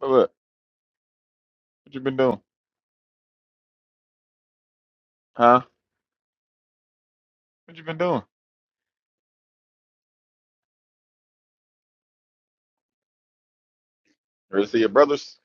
But look, what you been doing? Huh? What you been doing? Ready to see your brothers?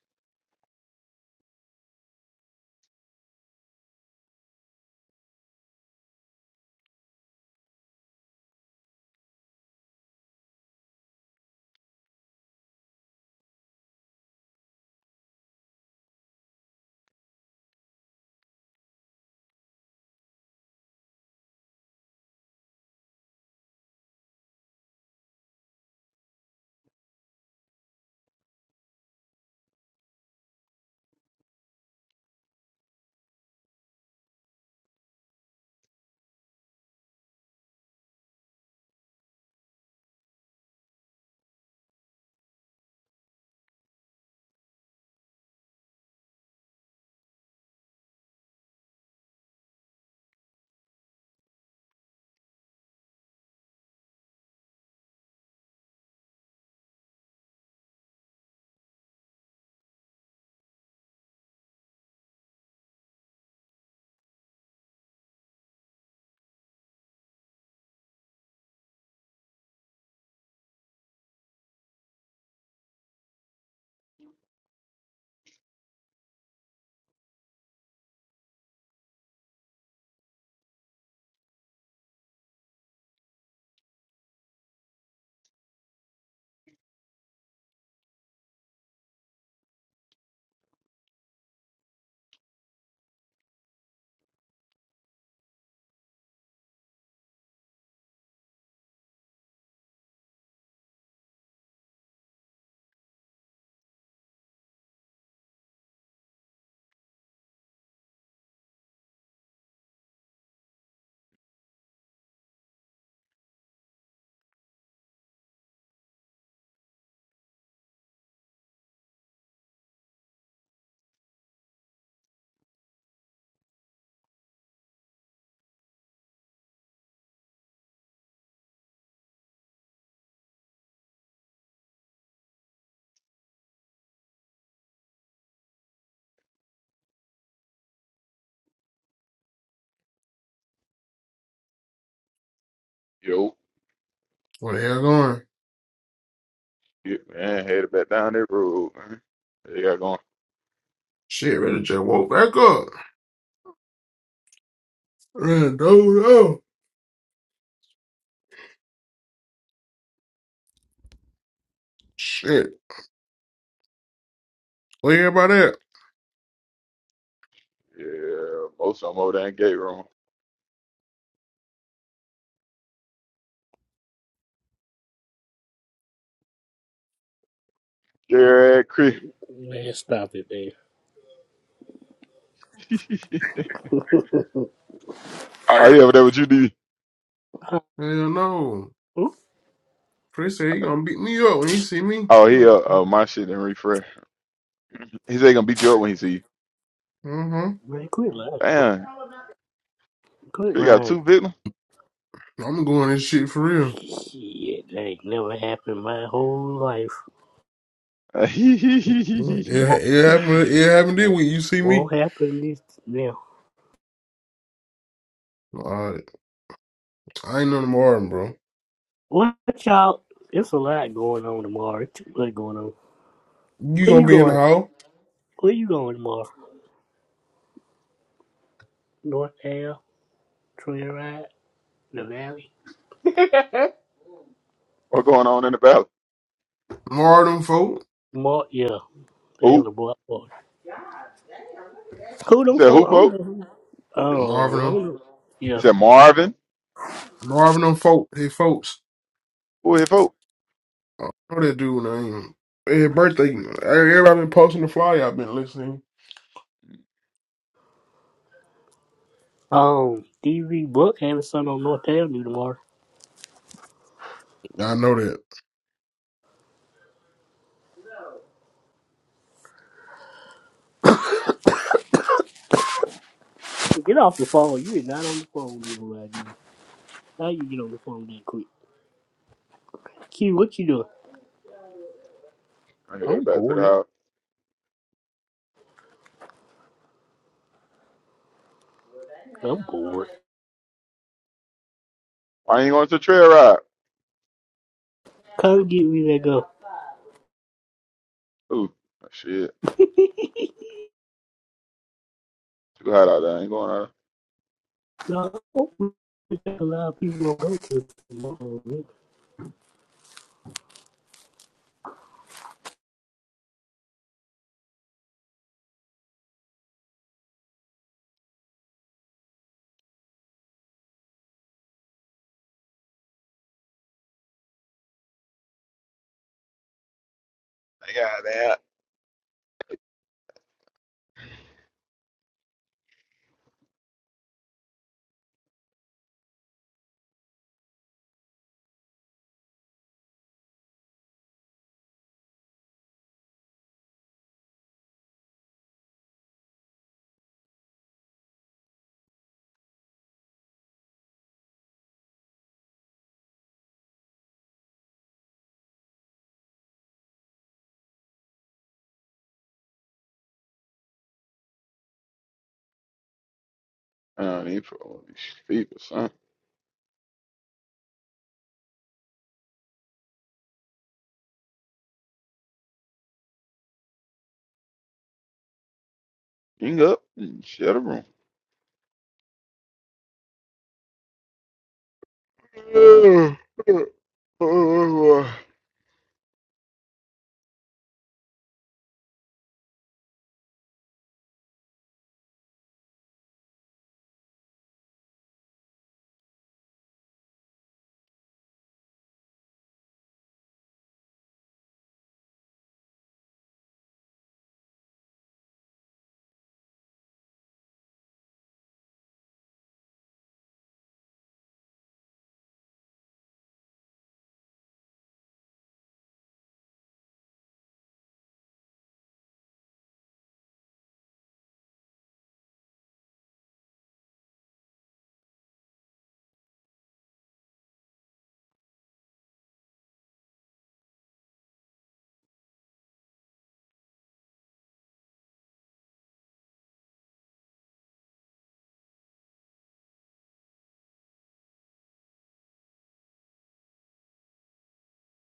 Yo, Where the hell going? yeah, man, headed back down that road. Man. They got going. Shit, really just woke back up. Really dozed off. Shit, where everybody at? Yeah, most of them over there in gate room. Yeah, Chris. Man, stop it, man. Are oh you? yeah, but that what you do? Uh, Hell no. Oop, Chris said he gonna beat me up when he see me. Oh Uh he uh, uh my shit didn't refresh. He said he gonna beat you up when he see you. huh. man, quit lying. bro. Damn, Quit Chris got lying. two victims. I'm going this shit for real. Shit, that ain't never happened my whole life. Uh, hee, hee, hee, hee, hee, It, it hee. happened. It happened this Won't week. You see me? won't happen this now. All right. I ain't none of Marvin, bro. What y'all? It's a lot going on tomorrow. It's too much going on. You Where gonna you be in the going? hall? Where you going tomorrow? North Dale, Trail Ride, the Valley. what going on in the valley? Marvin them folk. Mark, yeah, they have Who? the block party. Who You them said who, folk? I don't folk? know. who- Oh, Marvin I them. don't know. You yeah. said Marvin? Marvin them folk. Hey folks. Who here, folk? I know that dude name. His birthday. Everybody been posting the flyer. I've been listening. Um, DV Buck having son on North Avenue tomorrow. I know that. Get off the phone. You are not on the phone with me right now. How you get on the phone that quick? Q, what you doing? I headed I'm back to the bored. house. I'm bored. Why ain't going to the trail ride? Come get me that go. Ooh, oh, shit. Too hot out there. I ain't going out No, hopefully a lot of people don't go to tomorrow. Man. there. I got that. there. I don't need for these feet or something. You can up and shut the room. Oh,